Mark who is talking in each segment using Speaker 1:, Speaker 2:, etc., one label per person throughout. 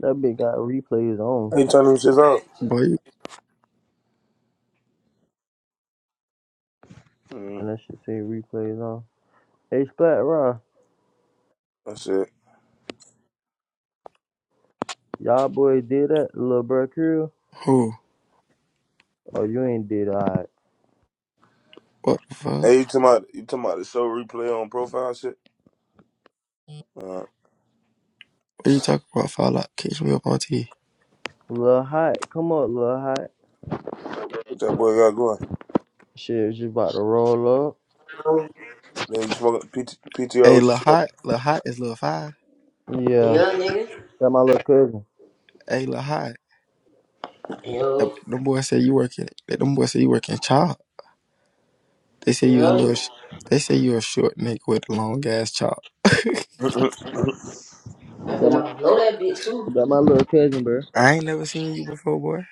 Speaker 1: That bitch got replays on.
Speaker 2: Hey, you turn them shits off?
Speaker 3: Boy,
Speaker 2: Mm,
Speaker 1: And that shit say replays on. Hey, Splat Raw,
Speaker 2: that's it.
Speaker 1: y'all boys did that? Lil Bro Crew?
Speaker 3: who?
Speaker 1: Oh, you ain't did alright.
Speaker 3: What the fuck?
Speaker 2: Hey, you talking about you talking about the show replay on profile shit? Uh,
Speaker 3: What you talking about? Fall out. Catch me up on T.
Speaker 1: Lil Hot, come up, Lil Hot.
Speaker 2: what that boy got going?
Speaker 1: Shit, just about to roll
Speaker 2: Then you smoking PT, PTR?
Speaker 3: Hey,
Speaker 2: What you
Speaker 3: Lil Hot. Lil Hot is Lil Five.
Speaker 1: up. Yeah.
Speaker 4: Yeah, nigga.
Speaker 1: That my little cousin.
Speaker 3: Hey, Lil Hot. That,
Speaker 4: Yo,
Speaker 3: them boys say you working. That them boys say you working chop. They say you a
Speaker 4: yo.
Speaker 3: little. Sh- they say you a short nigga with a long ass chop.
Speaker 2: smoking?
Speaker 4: I
Speaker 1: That
Speaker 4: bet
Speaker 1: my
Speaker 4: I'ma blow that bitch too.
Speaker 1: that my little cousin, bro.
Speaker 3: I ain't never seen you before, boy.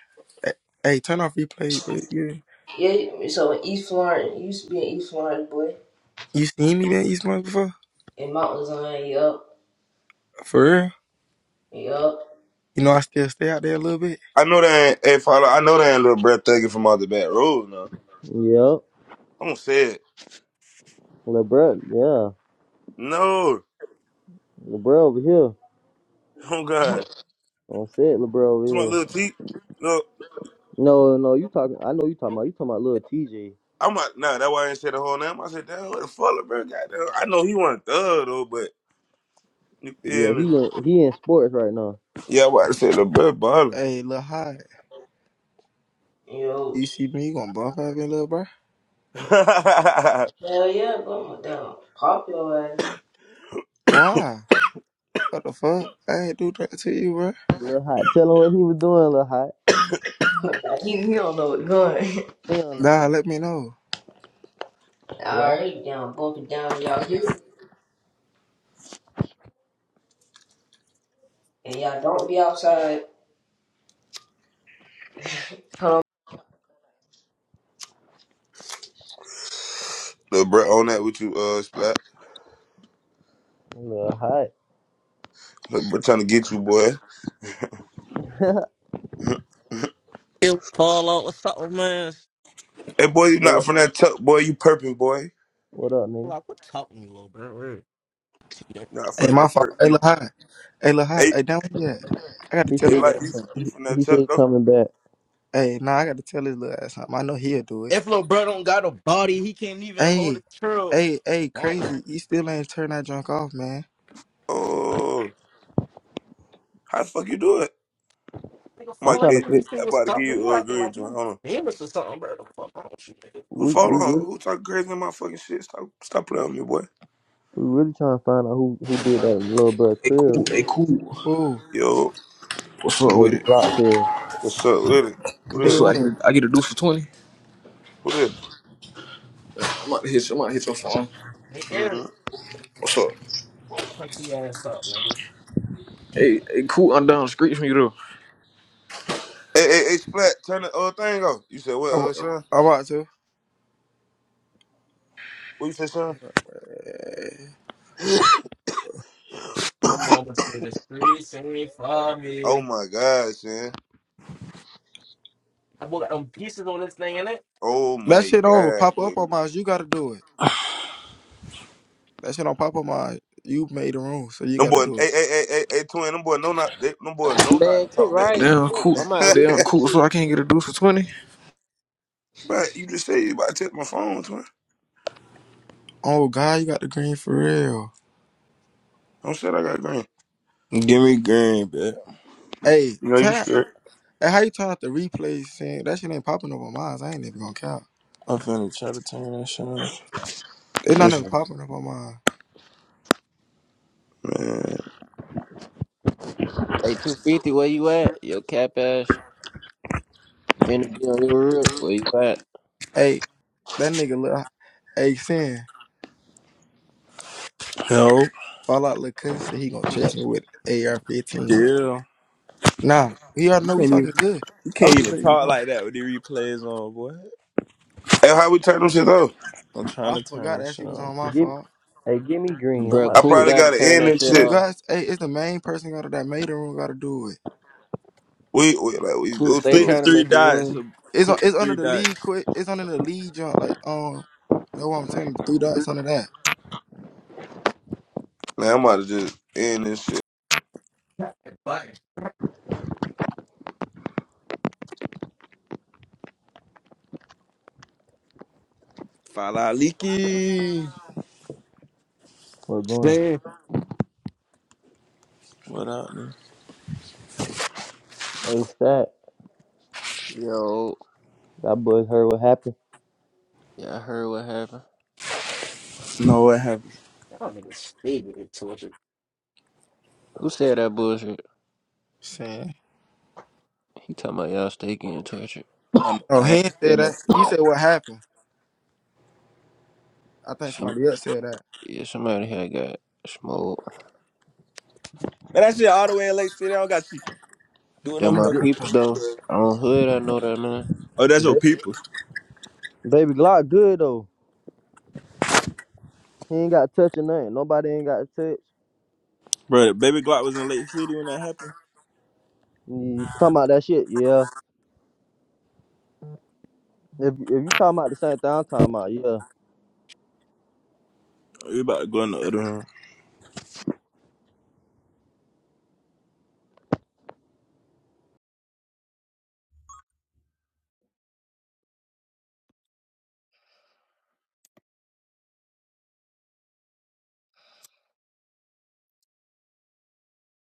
Speaker 3: Hey, hey, turn off replay, but you
Speaker 4: Yeah, so in East Florence, it used to be in East Florence, boy.
Speaker 3: you seen me been East Point before?
Speaker 4: In Mount Zion, yup,
Speaker 3: For real?
Speaker 4: yup,
Speaker 3: You know I still stay out there a little bit.
Speaker 2: I know they ain't. Hey, follow. I know they ain't little breath taking from out the back road. No,
Speaker 1: Yep.
Speaker 2: I'm gonna say it.
Speaker 1: Lil Bro, yeah.
Speaker 2: No,
Speaker 1: Lil Bro over here.
Speaker 2: oh god,
Speaker 1: Don't say it, Lil Bro over
Speaker 2: to my
Speaker 1: here.
Speaker 2: little T. Look,
Speaker 1: No, no, you talking, I know you talking about, you talking about Lil TJ.
Speaker 2: I'm not. Nah, that's why I ain't say the whole name. I said, damn, what the fuck, little bro? Goddamn, I know he wasn't thug though, but you feel
Speaker 1: Yeah, he
Speaker 2: me?
Speaker 1: in, he in sports right now.
Speaker 2: Yeah, I about to say little bro, bother.
Speaker 3: Hey, Lil Hot.
Speaker 4: yo.
Speaker 3: You see me? You gonna bump at me, little bro?
Speaker 4: Hell yeah, bro, I'm down. Pop your ass.
Speaker 3: Why? What the fuck? I ain't do that to you, bro.
Speaker 1: Lil Hot, tell him what he was doing, Lil Hot.
Speaker 4: he, he don't know what's going.
Speaker 1: He on,
Speaker 3: Nah, let me know.
Speaker 1: right?
Speaker 4: Alright, down, bump it down to y'all hood. And y'all don't be outside. Hold on.
Speaker 2: little bro, on that with you, uh, Splat.
Speaker 1: Little hot.
Speaker 2: We're trying to get you, boy. Mhm. Mhm.
Speaker 5: It fall out. What's up, man?
Speaker 2: hey, boy, you
Speaker 1: What
Speaker 2: not
Speaker 1: up?
Speaker 2: from that tuck, boy. You perping, boy.
Speaker 1: What up, nigga?
Speaker 5: Like, what talking you, little bro? Word.
Speaker 2: Not
Speaker 3: Hey,
Speaker 2: from
Speaker 3: my
Speaker 2: that
Speaker 3: fault.
Speaker 2: perp.
Speaker 3: Hey, Lil
Speaker 2: You,
Speaker 3: Hot. Hey, Lil Hot.
Speaker 2: hey,
Speaker 3: Hey, down where you at? I got to
Speaker 1: He
Speaker 3: tell
Speaker 1: said
Speaker 2: hey,
Speaker 3: his
Speaker 2: like
Speaker 1: he
Speaker 3: ass
Speaker 2: you from
Speaker 3: something.
Speaker 2: you from that
Speaker 1: he said
Speaker 2: tuck
Speaker 1: he
Speaker 2: though.
Speaker 1: coming back.
Speaker 3: Hey, nah, I got to tell his little ass something. I know he'll do it.
Speaker 5: If little bro don't got a body, he can't even hold
Speaker 3: Hey,
Speaker 5: a trail.
Speaker 3: hey, hey,
Speaker 5: Nigga,
Speaker 3: crazy. You still ain't turn that junk off, man.
Speaker 2: Oh, how the fuck you do it?
Speaker 1: I'm
Speaker 2: Mike,
Speaker 5: follow
Speaker 1: trying to
Speaker 2: hey,
Speaker 5: you and
Speaker 2: hey,
Speaker 1: fig-
Speaker 5: you say
Speaker 2: I
Speaker 5: what's
Speaker 2: about to
Speaker 5: up,
Speaker 2: give
Speaker 5: man. You
Speaker 2: you a
Speaker 5: acting
Speaker 2: green
Speaker 5: like
Speaker 2: joint.
Speaker 5: you
Speaker 2: Hold on.
Speaker 5: famous or something, bro. The fuck wrong with you, nigga?
Speaker 2: Who
Speaker 1: we
Speaker 2: follow?
Speaker 1: we
Speaker 2: On?
Speaker 1: really
Speaker 2: Who talking crazy in my fucking shit? Stop, stop playing with me, boy.
Speaker 1: we really trying to find out who who did that little bro
Speaker 6: Hey, cool.
Speaker 1: crib,
Speaker 6: Hey, cool.
Speaker 3: Ooh,
Speaker 2: Yo,
Speaker 6: What's up with
Speaker 1: baby
Speaker 6: it?
Speaker 1: block crib.
Speaker 2: what's up, little? Who
Speaker 6: What's
Speaker 3: did
Speaker 2: this?
Speaker 6: up? I get
Speaker 3: what?
Speaker 6: a, I get a deuce for twenty.
Speaker 2: Who this?
Speaker 6: I'm about to hit. you- I'm about to hit your phone.
Speaker 5: Hey,
Speaker 2: Mm-hmm.
Speaker 5: Eric,
Speaker 6: What's up?
Speaker 5: don't pussy ass up, nigga.
Speaker 6: Hey, hey, cool. I'm down the street from you
Speaker 2: Hey, hey, hey, Splat, turn the uh, thing off. You said what,
Speaker 3: I'm,
Speaker 2: uh,
Speaker 6: though.
Speaker 2: son?
Speaker 3: I'm about to.
Speaker 2: What you said, son?
Speaker 3: Hey.
Speaker 5: My mama said the streets ain't for
Speaker 2: Oh
Speaker 5: me.
Speaker 2: my God, son.
Speaker 5: I got them pieces on this thing, innit?
Speaker 2: Oh
Speaker 3: That
Speaker 2: my
Speaker 3: shit don't even
Speaker 2: God,
Speaker 3: pop
Speaker 2: boy.
Speaker 3: up on mine. You got to do it. That shit don't pop up mine. You made the room, so you
Speaker 2: Them
Speaker 3: got to
Speaker 2: boy,
Speaker 3: do it.
Speaker 2: hey, hey, hey, hey, hey, twin, them boy, no not, they, them boy, no
Speaker 7: Man,
Speaker 2: not to
Speaker 7: get
Speaker 2: talk back to
Speaker 7: right.
Speaker 2: you.
Speaker 6: Damn cool.
Speaker 7: I'm at least
Speaker 6: Damn
Speaker 7: your
Speaker 6: cool. So
Speaker 7: shit.
Speaker 6: I can't get a deuce for twenty.
Speaker 2: but you just say you about to take my phone, twin.
Speaker 3: Oh, God, you got the green for real.
Speaker 2: Don't say I got green.
Speaker 8: Give me green, bitch.
Speaker 3: Hey,
Speaker 2: You know you
Speaker 3: turn.
Speaker 2: scared.
Speaker 3: Hey, how you turn out the replay saying that shit ain't popping up on mine? I ain't even gonna count.
Speaker 8: I'm finna try to turn that shit off.
Speaker 3: It's not even
Speaker 2: Listen,
Speaker 3: popping up on mine.
Speaker 2: man.
Speaker 7: Hey, 250, where you at? Yo, cap ass. Finna be on your real. Where you at?
Speaker 3: That nigga look hey sin.
Speaker 8: No,
Speaker 3: Fall out look cousin said he gonna chase me with AR fifteen.
Speaker 8: chill.
Speaker 3: Nah, he already
Speaker 8: You
Speaker 3: know we
Speaker 8: can't
Speaker 3: talking
Speaker 8: even
Speaker 3: good.
Speaker 8: you
Speaker 3: I
Speaker 8: can't
Speaker 3: was just
Speaker 8: even
Speaker 3: letting you
Speaker 8: talk
Speaker 3: know.
Speaker 8: like that with the replays on, boy.
Speaker 2: Hey, how we turn them shit off?
Speaker 8: I'm trying
Speaker 3: I
Speaker 8: to turn
Speaker 3: forgot
Speaker 8: that
Speaker 3: that
Speaker 8: shit
Speaker 3: shit was
Speaker 8: off.
Speaker 3: on my
Speaker 1: Give me,
Speaker 3: fault.
Speaker 1: hey, give me green. I'm
Speaker 7: Bruh,
Speaker 2: I
Speaker 1: about to
Speaker 7: cool,
Speaker 1: put
Speaker 2: probably
Speaker 7: gotta
Speaker 2: gotta
Speaker 7: turn
Speaker 2: end
Speaker 7: that
Speaker 2: this
Speaker 7: shit
Speaker 3: You
Speaker 2: shit.
Speaker 7: off.
Speaker 3: guys, hey, it's the main person out of that maiden room gotta do it.
Speaker 2: We, we like we
Speaker 7: Cool,
Speaker 2: go
Speaker 7: stay
Speaker 8: Click
Speaker 2: through.
Speaker 8: the
Speaker 7: trying to
Speaker 8: three
Speaker 7: make a
Speaker 8: dots. So
Speaker 7: room.
Speaker 3: It's on,
Speaker 8: click the
Speaker 3: it's under
Speaker 8: three
Speaker 3: the lead
Speaker 8: dots.
Speaker 3: quick it's under the lead jump like um that's what I'm telling you, three dots under that.
Speaker 2: Now I'm about to just end this shit.
Speaker 5: Bye.
Speaker 8: Fala leaky.
Speaker 1: we're going.
Speaker 5: Same.
Speaker 8: What up, nigga?
Speaker 1: Hey, stat.
Speaker 7: Yo,
Speaker 1: That boy heard what happened.
Speaker 7: yeah, I heard what happened.
Speaker 8: No, what happened?
Speaker 5: Y'all niggas stay with it,
Speaker 7: Who said that bullshit?
Speaker 3: Sin.
Speaker 7: He talking about y'all stay getting tortured.
Speaker 8: Oh, no,
Speaker 3: Oh,
Speaker 8: I
Speaker 3: he
Speaker 8: ain't
Speaker 3: ain't said
Speaker 8: saying no
Speaker 3: that.
Speaker 8: shit
Speaker 3: He
Speaker 8: like
Speaker 3: said what happened. I think
Speaker 7: Some,
Speaker 3: somebody else said that.
Speaker 7: yeah, somebody had got smoked.
Speaker 8: man. That shit all the way in Lake City. I don't got shit doing
Speaker 7: They're
Speaker 8: no
Speaker 1: He
Speaker 7: my
Speaker 8: fucking.
Speaker 1: good.
Speaker 7: peoples, though.
Speaker 8: shit.
Speaker 7: On hood, I know that, man.
Speaker 8: Oh, that's your
Speaker 1: Ba-
Speaker 8: peoples,
Speaker 1: baby Glock good though. He ain't got touch or nothing. Nobody ain't got to touch.
Speaker 8: bro. Baby Glock was in Lake City when that happened.
Speaker 1: You talking about that shit? Yeah. If if you talking about the same thing, I'm talking about yeah.
Speaker 8: We about to go in the other room.